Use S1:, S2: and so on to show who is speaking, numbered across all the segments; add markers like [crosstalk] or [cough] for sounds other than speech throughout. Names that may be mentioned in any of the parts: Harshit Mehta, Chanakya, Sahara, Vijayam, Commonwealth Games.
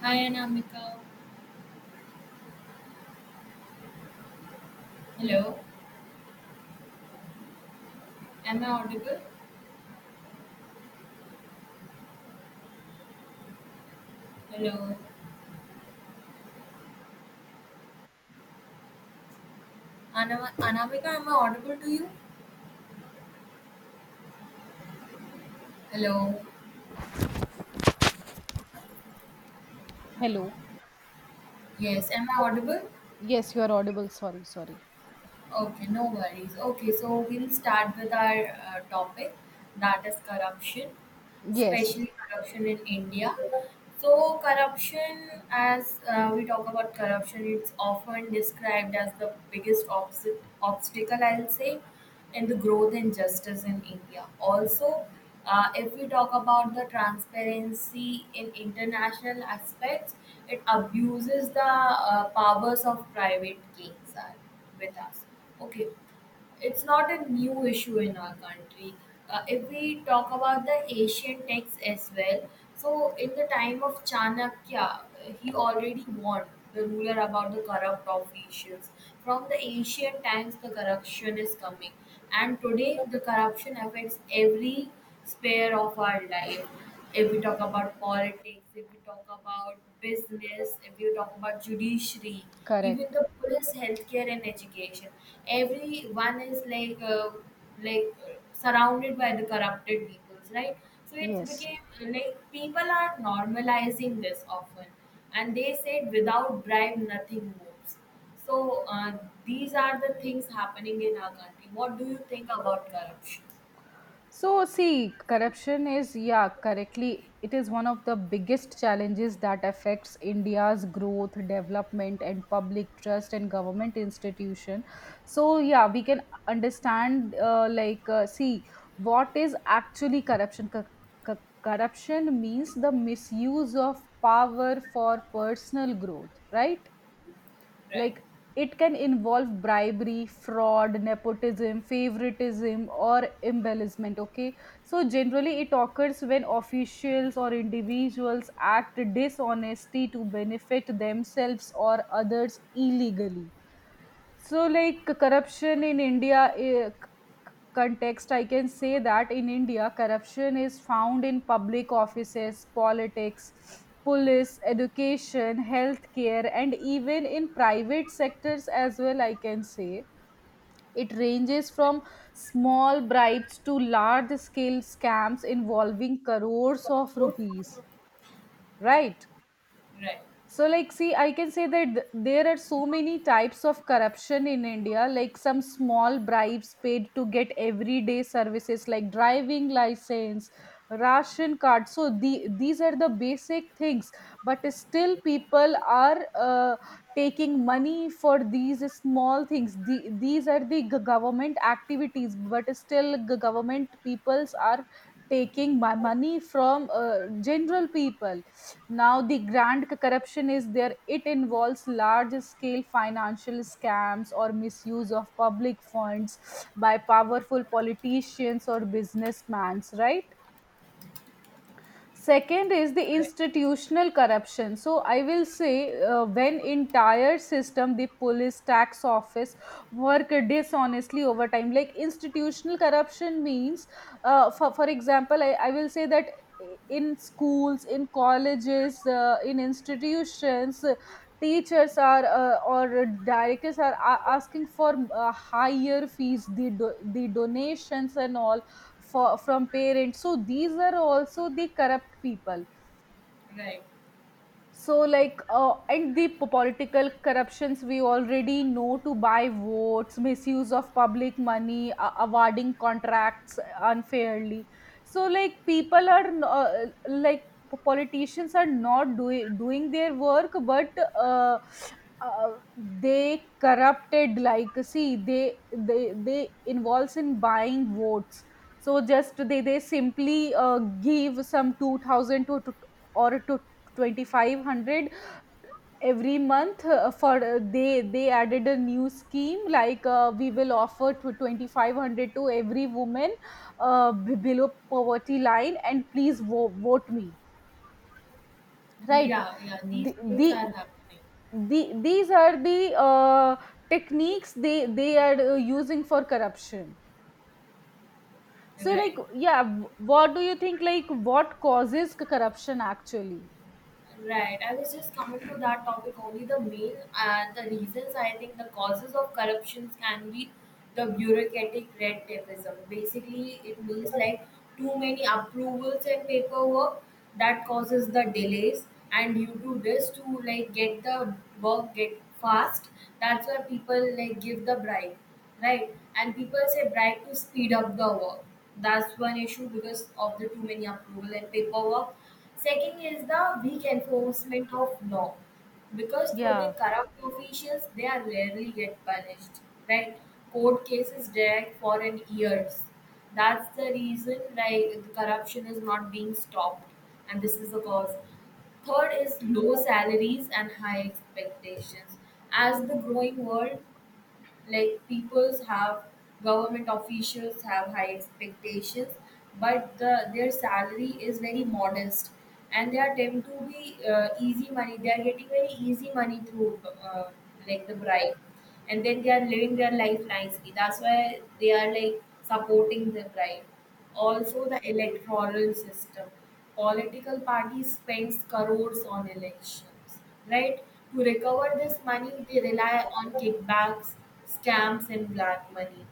S1: Hi Anamika. Hello, am I audible? Hello. Anamika, am I audible to you? Hello,
S2: Hello.
S1: yes, am I audible?
S2: Yes, you are audible. Sorry.
S1: Okay, no worries. Okay, so we'll start with our topic that is corruption,
S2: Yes,
S1: especially corruption in India. So, corruption, as we talk about corruption, it's often described as the biggest obstacle, I'll say, in the growth and justice in India. Also, if we talk about the transparency in international aspects, it abuses the powers of private kings with us. Okay, it's not a new issue in our country. If we talk about the Asian texts as well, so in the time of Chanakya, he already warned the ruler about the corrupt officials. From the ancient times, the corruption is coming. And today, the corruption affects every sphere of our life. If we talk about politics, if we talk about business, if we talk about judiciary, even
S2: correct.
S1: the police, healthcare, and education, everyone is like surrounded by the corrupted people, right? So it's
S2: Yes.
S1: became like people are normalizing this often, and they said without bribe, nothing moves. So these are the things happening in our country. What do you think about corruption?
S2: So, see, corruption is, yeah, correctly, it is one of the biggest challenges that affects India's growth, development, and public trust and government institution. So, yeah, we can understand, see, what is actually corruption? Corruption means the misuse of power for personal growth, right?
S1: Right,
S2: Like, it can involve bribery, fraud, nepotism, favoritism, or embellishment. Okay, so generally it occurs when officials or individuals act dishonesty to benefit themselves or others illegally. So like corruption in india context, I can say that in India, corruption is found in public offices, politics, police, education, healthcare, and even in private sectors as well. I can say it ranges
S1: right,
S2: from small bribes to large scale scams involving crores of rupees, right?
S1: right,
S2: So, like, see, I can say that there are so many types of corruption in India, like some small bribes paid to get everyday services like driving license, ration card. So, the, these are the basic things, but still, people are taking money for these small things. The, these are the government activities, but still, government peoples are taking my money from general people. Now, the grand corruption is there, it involves large scale financial scams or misuse of public funds by powerful politicians or businessmen, right? Second is the
S1: right,
S2: institutional corruption. So I will say when entire system the police tax office work dishonestly over time. Like institutional corruption means, for example, I will say that in schools, in colleges, in institutions, teachers are or directors are asking for higher fees, the the donations and all for, from parents. So these are also the corrupt people.
S1: right.
S2: So, like, and the political corruptions, we already know: to buy votes, misuse of public money, awarding contracts unfairly. So, like, people are like politicians are not doing their work, but uh, uh, they corrupted. Like, see, they involves in buying votes. So just they simply give some 2000 to or to 2500 every month for they added a new scheme like, we will offer to 2500 to every woman below poverty line and please vote me right.
S1: Yeah, yeah.
S2: the,
S1: These things are
S2: the,
S1: happening.
S2: the these are the uh, techniques they are using for corruption. So like,
S1: Right.
S2: yeah, what do you think, like what causes corruption actually?
S1: Right. I was just coming to that topic only. The main and the reasons I think the causes of corruptions can be the bureaucratic red tapeism. Basically, it means like too many approvals and paperwork that causes the delays, and you do this to like get the work get fast. That's why people like give the bribe, right? And people say bribe to speed up the work, that's one issue because of the too many approval and paperwork. Second is the weak enforcement of law, because for
S2: Yeah,
S1: the corrupt officials they are rarely get punished, right? Court cases drag for an years, that's the reason like the corruption is not being stopped, and this is the cause. Third is low salaries and high expectations. As the growing world, like people's have government officials have high expectations, but the their salary is very modest, and they are tend to be easy money, they are getting very easy money through uh, like the bribe, and then they are living their life nicely. That's why they are like supporting the bribe. Also the electoral system, political parties spends crores on elections, right? To recover this money, they rely on kickbacks, scams, and black money.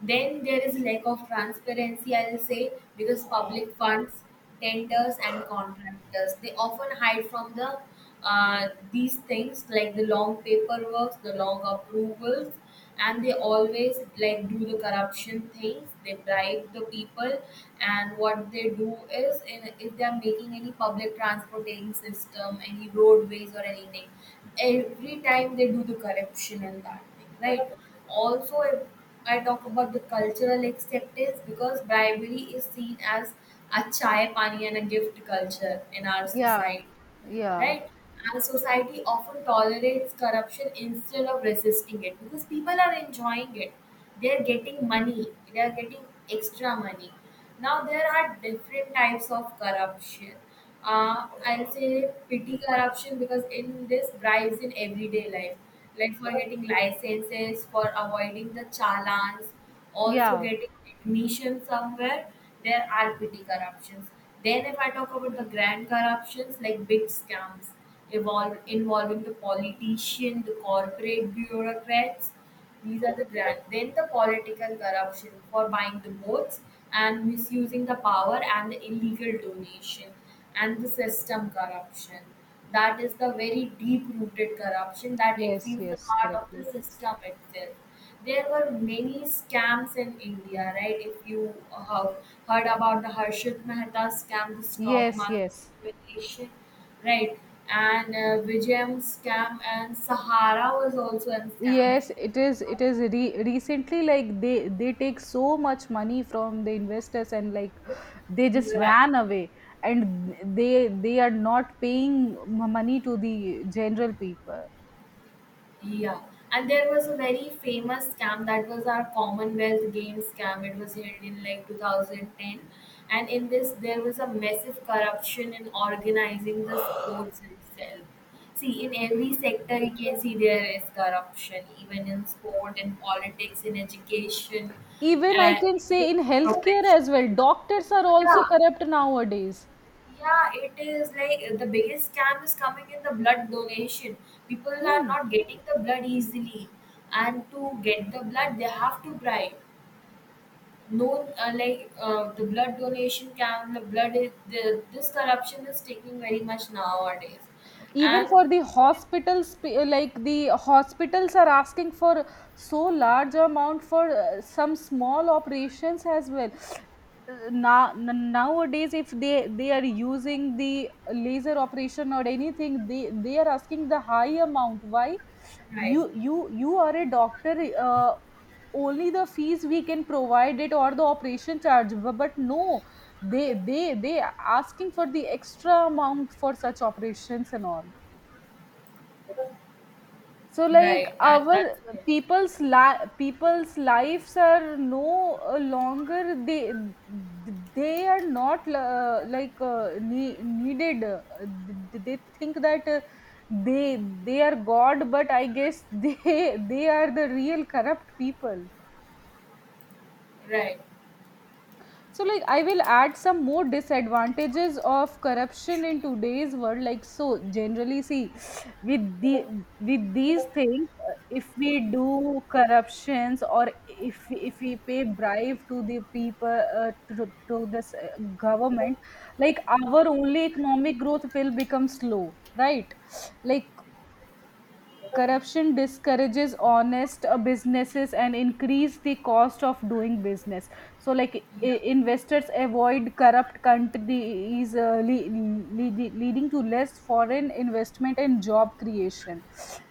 S1: Then there is lack of transparency, I'll say, because public funds, tenders, and contractors they often hide from the these things, like the long paperwork, the long approvals, and they always like do the corruption things. They bribe the people, and what they do is in, if they are making any public transportation system, any roadways or anything, every time they do the corruption and that thing, right? Also, if I talk about the cultural acceptance, because bribery is seen as a chai pani and a gift culture in our
S2: yeah,
S1: society,
S2: yeah,
S1: right? And society often tolerates corruption instead of resisting it because people are enjoying it. They're getting money, they're getting extra money. Now, there are different types of corruption. I'll say petty corruption, because in this bribes in everyday life, like for getting licenses, for avoiding the challans, also
S2: yeah.
S1: getting admission somewhere, there are petty corruptions. Then, if I talk about the grand corruptions, like big scams involving the politician, the corporate bureaucrats, these are the grand. Then, the political corruption for buying the votes and misusing the power and the illegal donation, and the system corruption. That is the very deep-rooted corruption that it
S2: Yes,
S1: feels the
S2: yes,
S1: heart of the
S2: correctly.
S1: system itself. There were many scams in India, right? If you have heard about the Harshit Mehta scam, the stock
S2: Yes,
S1: market
S2: yes.
S1: manipulation, right? And Vijayam scam, and Sahara was also a scam. If,
S2: Yes, it is, it is re recently like they take so much money from the investors and like they just
S1: right.
S2: ran away, and they are not paying money to the general people.
S1: Yeah, and there was a very famous scam that was our Commonwealth Games scam. It was held in like 2010, and in this there was a massive corruption in organizing the sports itself. See, in every sector you can see there is corruption, even in sport, in politics, in education,
S2: Even I can
S1: in
S2: say
S1: the
S2: in healthcare
S1: profession.
S2: as well, doctors are also
S1: Yeah,
S2: corrupt nowadays.
S1: yeah, it is like the biggest scam is coming in the blood donation. People are
S2: Hmm.
S1: not getting the blood easily, and to get the blood, they have to bribe. No, the blood donation can the blood is the, this corruption is taking very much nowadays,
S2: Even
S1: and
S2: for the hospitals, like the hospitals are asking for so large amount for some small operations as well. Now nowadays if they are using the laser operation or anything, they are asking the high amount. Why?
S1: right,
S2: You are a doctor, only the fees we can provide it, or the operation charge. But no, they asking for the extra amount for such operations and all. So like
S1: right, that
S2: our
S1: that's it.
S2: people's lives are no longer they are not, needed. They think that they they are god, but I guess [laughs] they they are the real corrupt people.
S1: Right,
S2: So, like, I will add some more disadvantages of corruption in today's world. Like, so generally, see, with the with these things, if we do corruptions, or if if we pay bribe to the people, to this, government, like our only economic growth will become slow, right? Like corruption discourages honest businesses and increase the cost of doing business. So, like,
S1: yeah,
S2: investors avoid corrupt countries, leading to less foreign investment and job creation.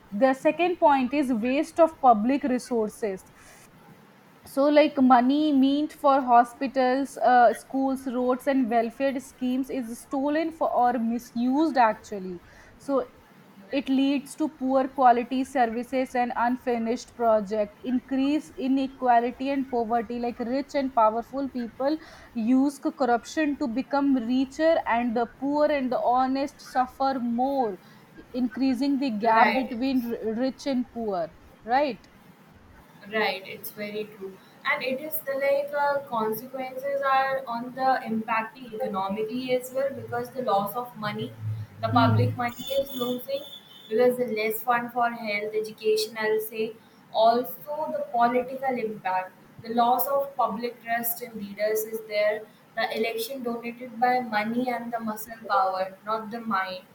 S2: The second point is waste of public resources. So like money meant for hospitals, schools, roads, and welfare schemes is stolen for or misused actually. So it leads to poor quality services and unfinished project, increase inequality and poverty. Like rich and powerful people use corruption to become richer, and the poor and the honest suffer more, increasing the
S1: right,
S2: gap
S1: right.
S2: between rich and poor, right.
S1: Right, it's very true. And it is the like consequences are on the impacting economically as well, because the loss of money, the
S2: Hmm.
S1: public money is losing, because the less fund for health, education, I'll say, also the political impact. The loss of public trust in leaders is there. The election donated by money and the muscle power, not the mind.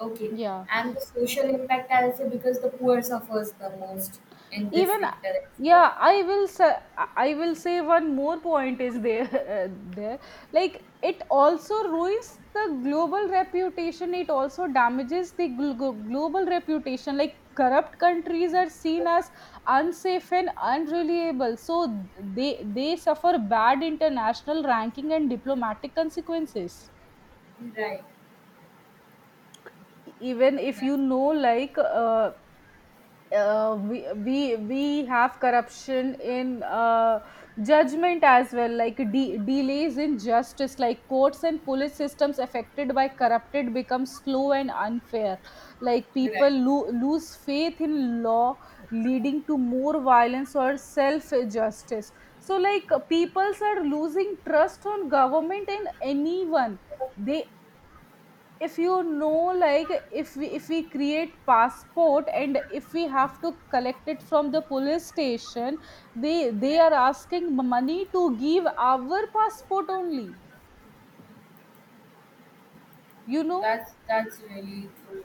S1: Okay,
S2: Yeah.
S1: and the social impact I'll say because the poor suffers the most in this
S2: Even,
S1: sector. As well.
S2: yeah, I will say, I will say one more point is there. [laughs] There, like it also ruins the global reputation, it also damages the global reputation. Like corrupt countries are seen as unsafe and unreliable, so they suffer bad international ranking and diplomatic consequences.
S1: Right,
S2: Even if
S1: that's
S2: you know, like, we have corruption in, judgment as well, like delays in justice. Like courts and police systems affected by corrupted become slow and unfair, like people
S1: right,
S2: lose faith in law, leading to more violence or self justice. So like peoples are losing trust on government and anyone. They, if you know, like, if we create passport and if we have to collect it from the police station, they they
S1: right.
S2: are asking money to give our passport only, you know.
S1: That's really true.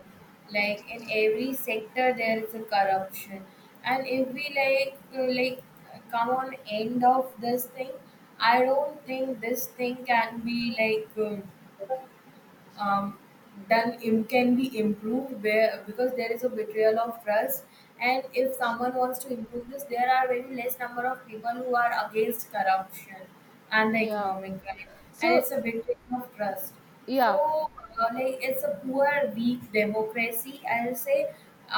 S1: Like in every sector, there is a corruption, and if we like come on end of this thing, I don't think this thing can be like. Um, done im can be improved where, because there is a betrayal of trust, and if someone wants to improve this there are very less number of people who are against corruption and the
S2: Yeah.
S1: economic crime, and
S2: So
S1: it's a betrayal of trust. So
S2: yeah,
S1: like it's a poor weak democracy, I'll say.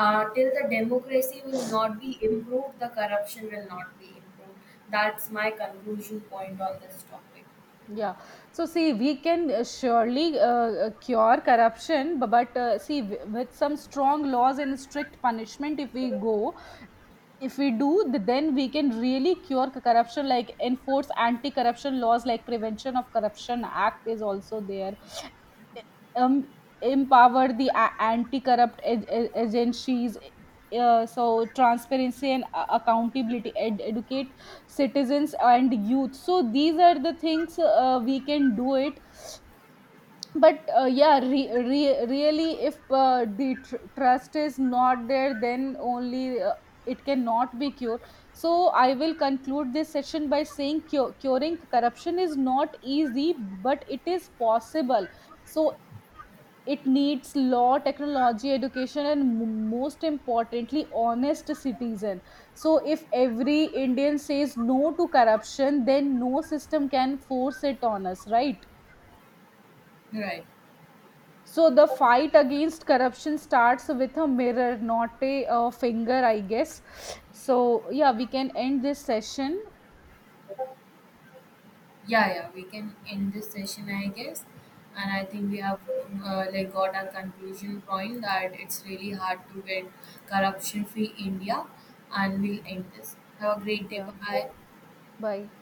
S1: Till the democracy will not be improved the corruption will not be improved. That's my conclusion point on this topic.
S2: yeah. So see, we can, surely cure corruption, but, see, with some strong laws and strict punishment, if we go, if we do, then we can really cure corruption. Like enforce anti-corruption laws, like prevention of corruption act is also there. um, empower the anti-corrupt agencies, so transparency and accountability, educate citizens and youth. So these are the things we can do it. But yeah, really if the trust is not there, then only it cannot be cured. So I will conclude this session by saying curing corruption is not easy, but it is possible. So it needs law, technology, education, and most importantly honest citizen. So if every indian says no to corruption, then no system can force it on us, right?
S1: Right.
S2: So the fight against corruption starts with a mirror, not a finger, I guess. So yeah, we can end this session.
S1: Yeah, yeah, we can end this session, I guess. And I think we have like got our conclusion point that it's really hard to get corruption-free India. And we'll end this. Have a great day.
S2: Yeah,
S1: Bye bye.
S2: bye.